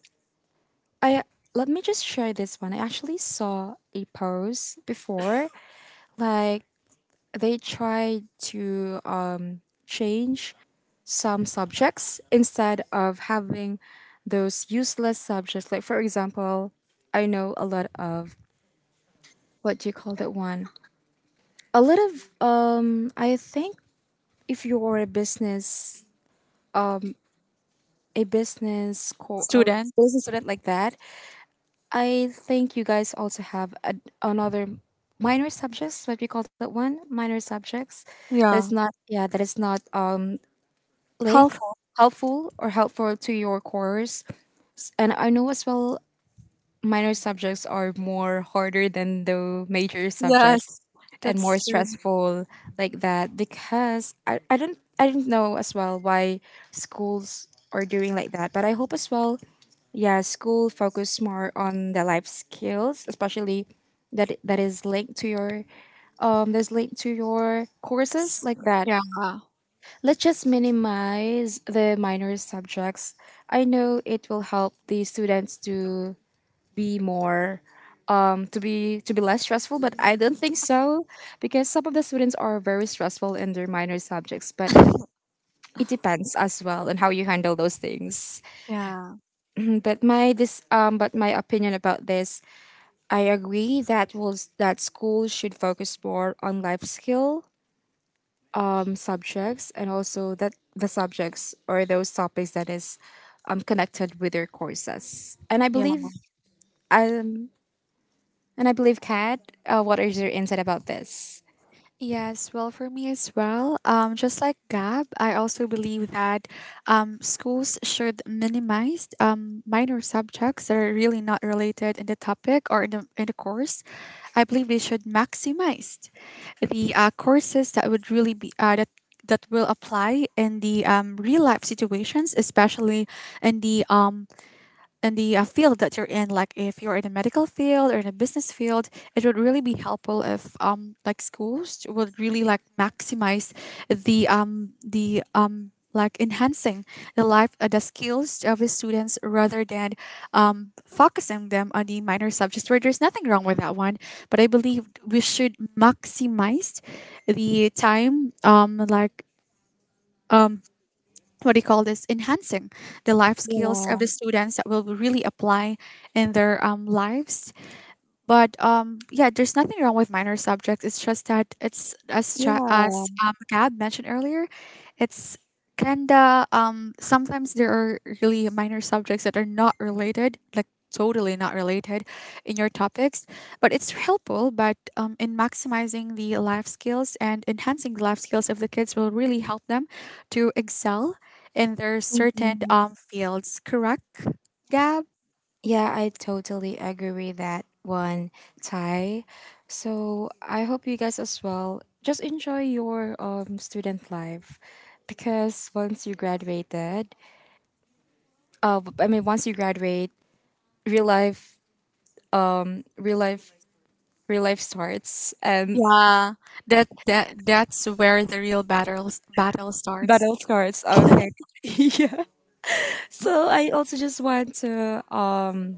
I, let me just share this one. I actually saw a post before, [LAUGHS] like they tried to um, change some subjects instead of having those useless subjects. Like for example, I know a lot of, what do you call that one? A lot of um, I think if you are a business, a business co- a
Student.
business student like that, I think you guys also have a, another minor subjects, what we call that one, minor subjects that is
Yeah.
not, yeah, that is not uh link,
Helpful.
helpful, or helpful to your course. And I know as well minor subjects are more harder than the major
Yes.
subjects and more
That's true.
stressful like that because I, I don't I don't know as well why schools are doing like that, but I hope as well yeah school focus more on the life skills, especially that that is linked to your um that's linked to your courses like that.
Yeah.
Let's just minimize the minor subjects. I know it will help the students to be more um, to be to be less stressful, but I don't think so because some of the students are very stressful in their minor subjects, but it depends as well on how you handle those things.
Yeah.
But my this um but my opinion about this, I agree that was that school should focus more on life skill um, subjects, and also that the subjects or those topics that is um connected with their courses. And I
Yeah.
believe um and I believe, kat, uh, what is your insight about this?
Yes, well, for me as well, um, just like Gab, I also believe that um, schools should minimize um, minor subjects that are really not related in the topic or in the, in the course. I believe they should maximize the uh, courses that would really be uh, that that will apply in the um, real life situations, especially in the um, in the uh, field that you're in, like if you're in a medical field or in a business field. It would really be helpful if um like schools would really like maximize the um the um like enhancing the life uh, the skills of the students, rather than um focusing them on the minor subjects, where there's nothing wrong with that one, but I believe we should maximize the time um like what do you call this, enhancing the life skills of
Yeah,
the students that will really apply in their um, lives. But um, yeah, there's nothing wrong with minor subjects. It's just that it's as cha-
yeah,
as um, Gab mentioned earlier, it's kinda um sometimes there are really minor subjects that are not related, like totally not related, in your topics. But it's helpful. But um, in maximizing the life skills and enhancing the life skills of the kids will really help them to excel in their certain
mm.
um fields. Correct, Gab?
Yeah. I totally agree with that one, Ty. So I hope you guys as well just enjoy your um student life, because once you graduated, uh, b- I mean once you graduate, real life, um, real life, real life starts and
Yeah, that that that's where the real battles battle starts.
battle starts. Okay, [LAUGHS] yeah. So I also just want to um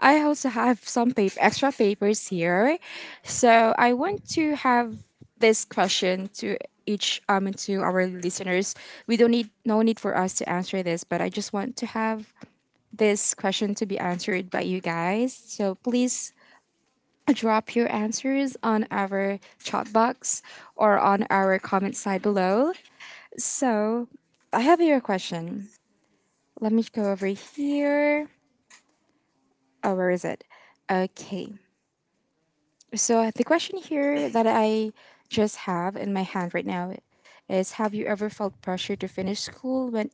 I also have some paper, extra papers here. So I want to have this question to each um to our listeners. We don't need no need for us to answer this, but I just want to have this question to be answered by you guys. So please drop your answers on our chat box or on our comment side below. So I have your question. Let me go over here. Oh, where is it? Okay. So uh, the question here that I just have in my hand right now is have you ever felt pressure to finish school when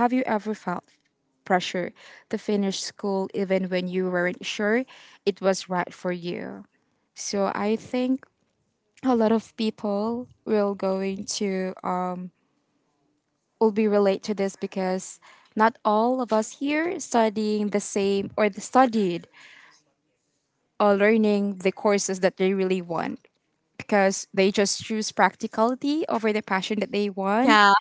have you ever felt pressure to finish school even when you weren't sure it was right for you? So I think a lot of people will going to uh, will be relate to this because not all of us here studying the same, or the studied or learning the courses that they really want, because they just choose practicality over the passion that they want.
Yeah.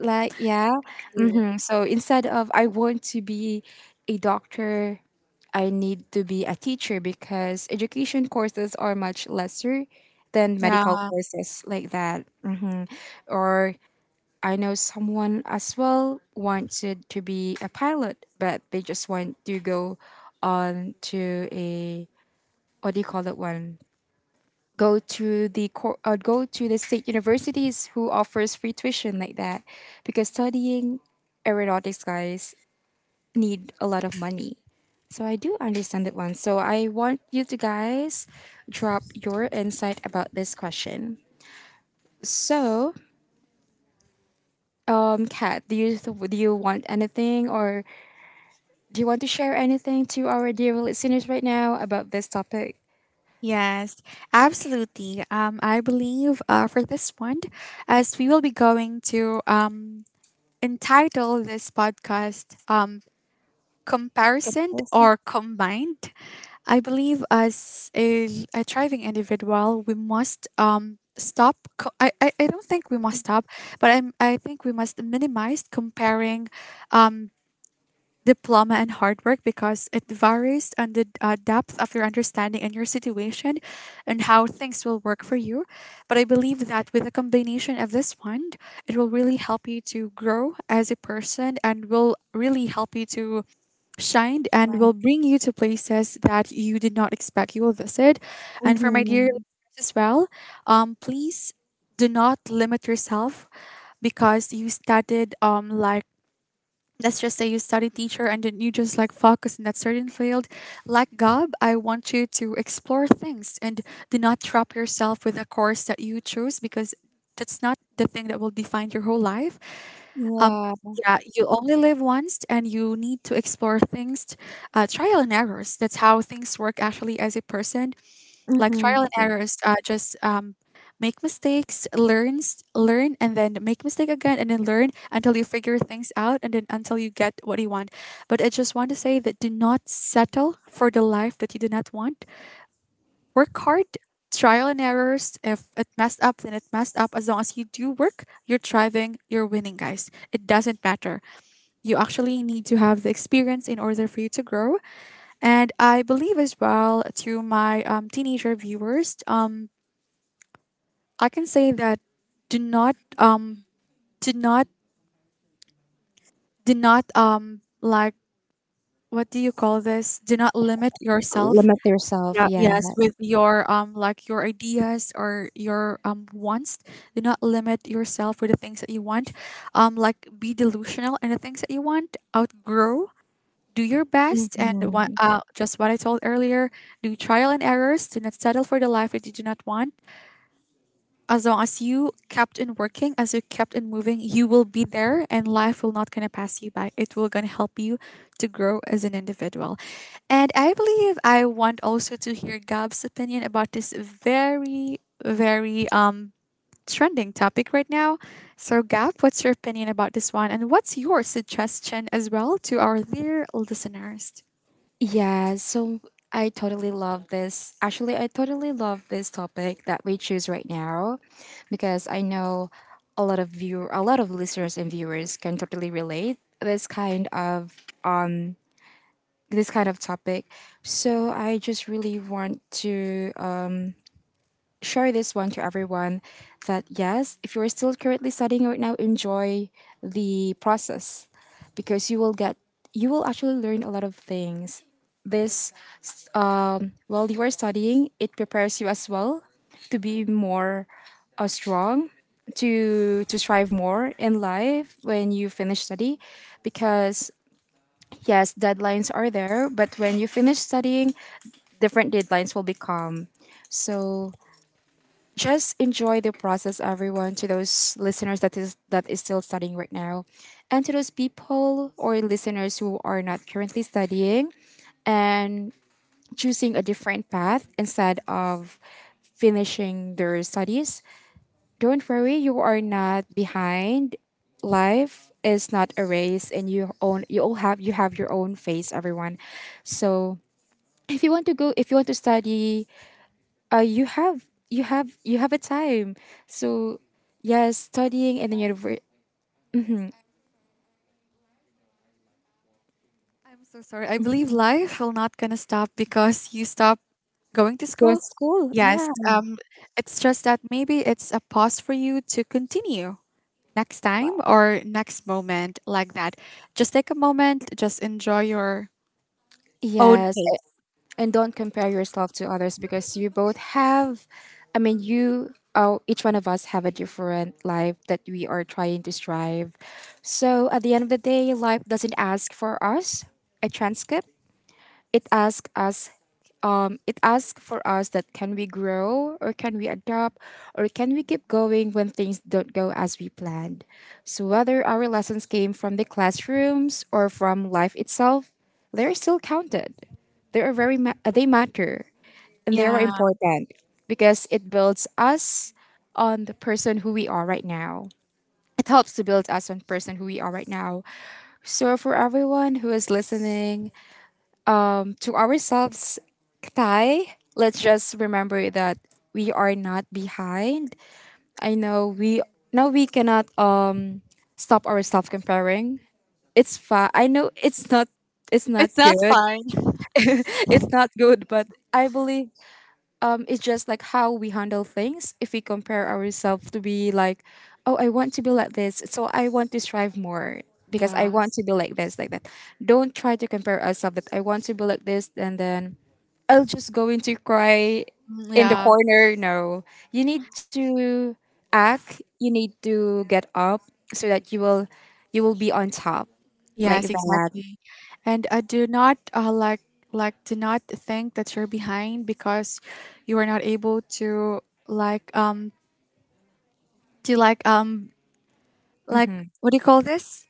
Like, yeah.
Yeah.
Mm. So instead of I want to be a doctor, I need to be a teacher because education courses are much lesser than
Yeah.
medical courses like that. Or I know someone as well wanted to be a pilot, but they just want to go on to a what do you call that one? Go to the cor- uh, go to the state universities who offers free tuition like that because studying aeronautics, guys, need a lot of money. So I do understand that one. So I want you to guys drop your insight about this question. So um kat, do you do you want anything, or do you want to share anything to our dear listeners right now about this topic?
Yes, absolutely. Um, I believe uh, for this one, as we will be going to um, entitle this podcast um, Comparison
Comparison
or Combined, I believe as a, a thriving individual, we must um, stop. Co- I, I, I don't think we must stop, but I'm, I think we must minimize comparing um, diploma and hard work, because it varies on the uh, depth of your understanding and your situation and how things will work for you. But I believe that with a combination of this one, it will really help you to grow as a person and will really help you to shine and
slide.
will bring you to places that you did not expect you will visit. And for my dear listeners
Mhm.
as well, um, please do not limit yourself because you studied um like let's just say you study teacher and then you just like focus in that certain field. Like Gob, I want you to explore things and do not trap yourself with a course that you choose because that's not the thing that will define your whole life. Um,
Yeah.
yeah, you only live once and you need to explore things, uh, trial and errors. That's how things work actually as a person, like
Hmm.
trial and errors, uh, just um, make mistakes, learn s- learn and then make mistake again and then learn until you figure things out and then until you get what you want. But I just want to say that do not settle for the life that you do not want. Work hard, trial and errors. If it messed up, then it messed up. As long as you do work, you're thriving, you're winning, guys. It doesn't matter. You actually need to have the experience in order for you to grow. And I believe as well, to my um, teenager viewers, um, I can say that do not um do not do not um like what do you call this? Do not limit yourself.
Limit yourself.
Yeah, yes,
Yes.
with your um like your ideas or your um wants. Do not limit yourself with the things that you want. Um like be delusional in the things that you want. Outgrow. Do your best and what
Mhm.
uh just what I told earlier, do trial and errors, do not settle for the life that you do not want. As long as you kept in working, as you kept in moving, you will be there and life will not gonna pass you by. It will gonna help you to grow as an individual. And I believe I want also to hear Gab's opinion about this very, very um trending topic right now. So Gab, what's your opinion about this one? And what's your suggestion as well to our dear listeners?
Yeah, so I totally love this. Actually, I totally love this topic that we choose right now because I know a lot of view a lot of listeners and viewers can totally relate this kind of this kind of topic. So I just really want to share this one to everyone that yes, if you're still currently studying right now, enjoy the process because you will get you will actually learn a lot of things. This while you are studying, it prepares you as well to be more uh, strong, to to strive more in life when you finish study. Because yes, deadlines are there, but when you finish studying, different deadlines will become. So just enjoy the process, everyone. To those listeners that is that is still studying right now, and to those people or listeners who are not currently studying and choosing a different path instead of finishing their studies, don't worry, you are not behind. Life is not a race, and you own you all have you have your own face, everyone. So if you want to go, if you want to study, uh, you have you have you have a time. So yes, studying in the university
I'm so sorry. I believe life will not gonna stop because you stop going to school.
school.
Yes.
Yeah.
Um it's just that maybe it's a pause for you to continue next time or next moment like that. Just take a moment, just enjoy your own
Yes, a-
pace.
and don't compare yourself to others because you both have, I mean, you, oh, each one of us have a different life that we are trying to strive. So at the end of the day, life doesn't ask for us a transcript. It asks us, um, it asks for us that can we grow, or can we adapt, or can we keep going when things don't go as we planned. So whether our lessons came from the classrooms or from life itself, they're still counted, they are very ma- they matter, and they are
Yeah.
important because it builds us on the person who we are right now. It helps to build us on person who we are right now. So for everyone who is listening to ourselves, Ktay, let's just remember that we are not behind. I know we now we cannot um stop ourselves comparing. It's fine. I know it's not it's not
It's not
good.
fine.
[LAUGHS] It's not good, but I believe it's just like how we handle things. If we compare ourselves to be like, oh, I want to be like this, so I want to strive more because I want
Yes.
to be like this, like that. Don't try to compare ourselves that I want to be like this, and then I'll just go into cry
Mm,
in the
yeah.
corner. No, you need to act. You need to get up so that you will you will be on top like
Yes,
that.
exactly. And uh, do not, uh, like like do not think that you're behind because you are not able to like um do you like um
Hmm.
like what do you call this?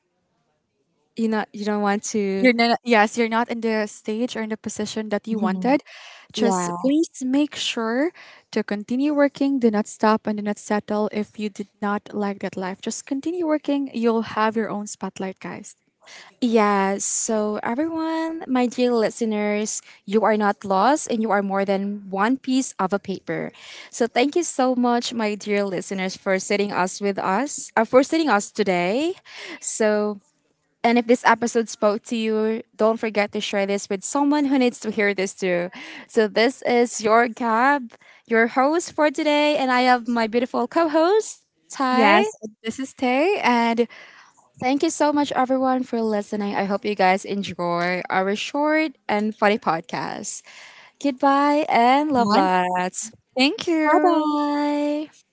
You know you don't want to.
You're not, yes, you're not in the stage or in the position that you
Mhm.
wanted. Just
Yeah.
please make sure to continue working. Do not stop and do not settle if you did not like that life. Just continue working. You'll have your own spotlight, guys.
Yes. So, everyone, my dear listeners, you are not lost and you are more than one piece of a paper. So, thank you so much, my dear listeners, for sitting us with us, uh, for sitting us today. So, and if this episode spoke to you, don't forget to share this with someone who needs to hear this too. So, this is your Gab, your host for today, and I have my beautiful co host, Ty.
Yes, this is Tay and
Thank you so much, everyone, for listening. I hope you guys enjoy our short and funny podcast. Goodbye and love
Juan.
lots.
Thank
Bye
you.
bye.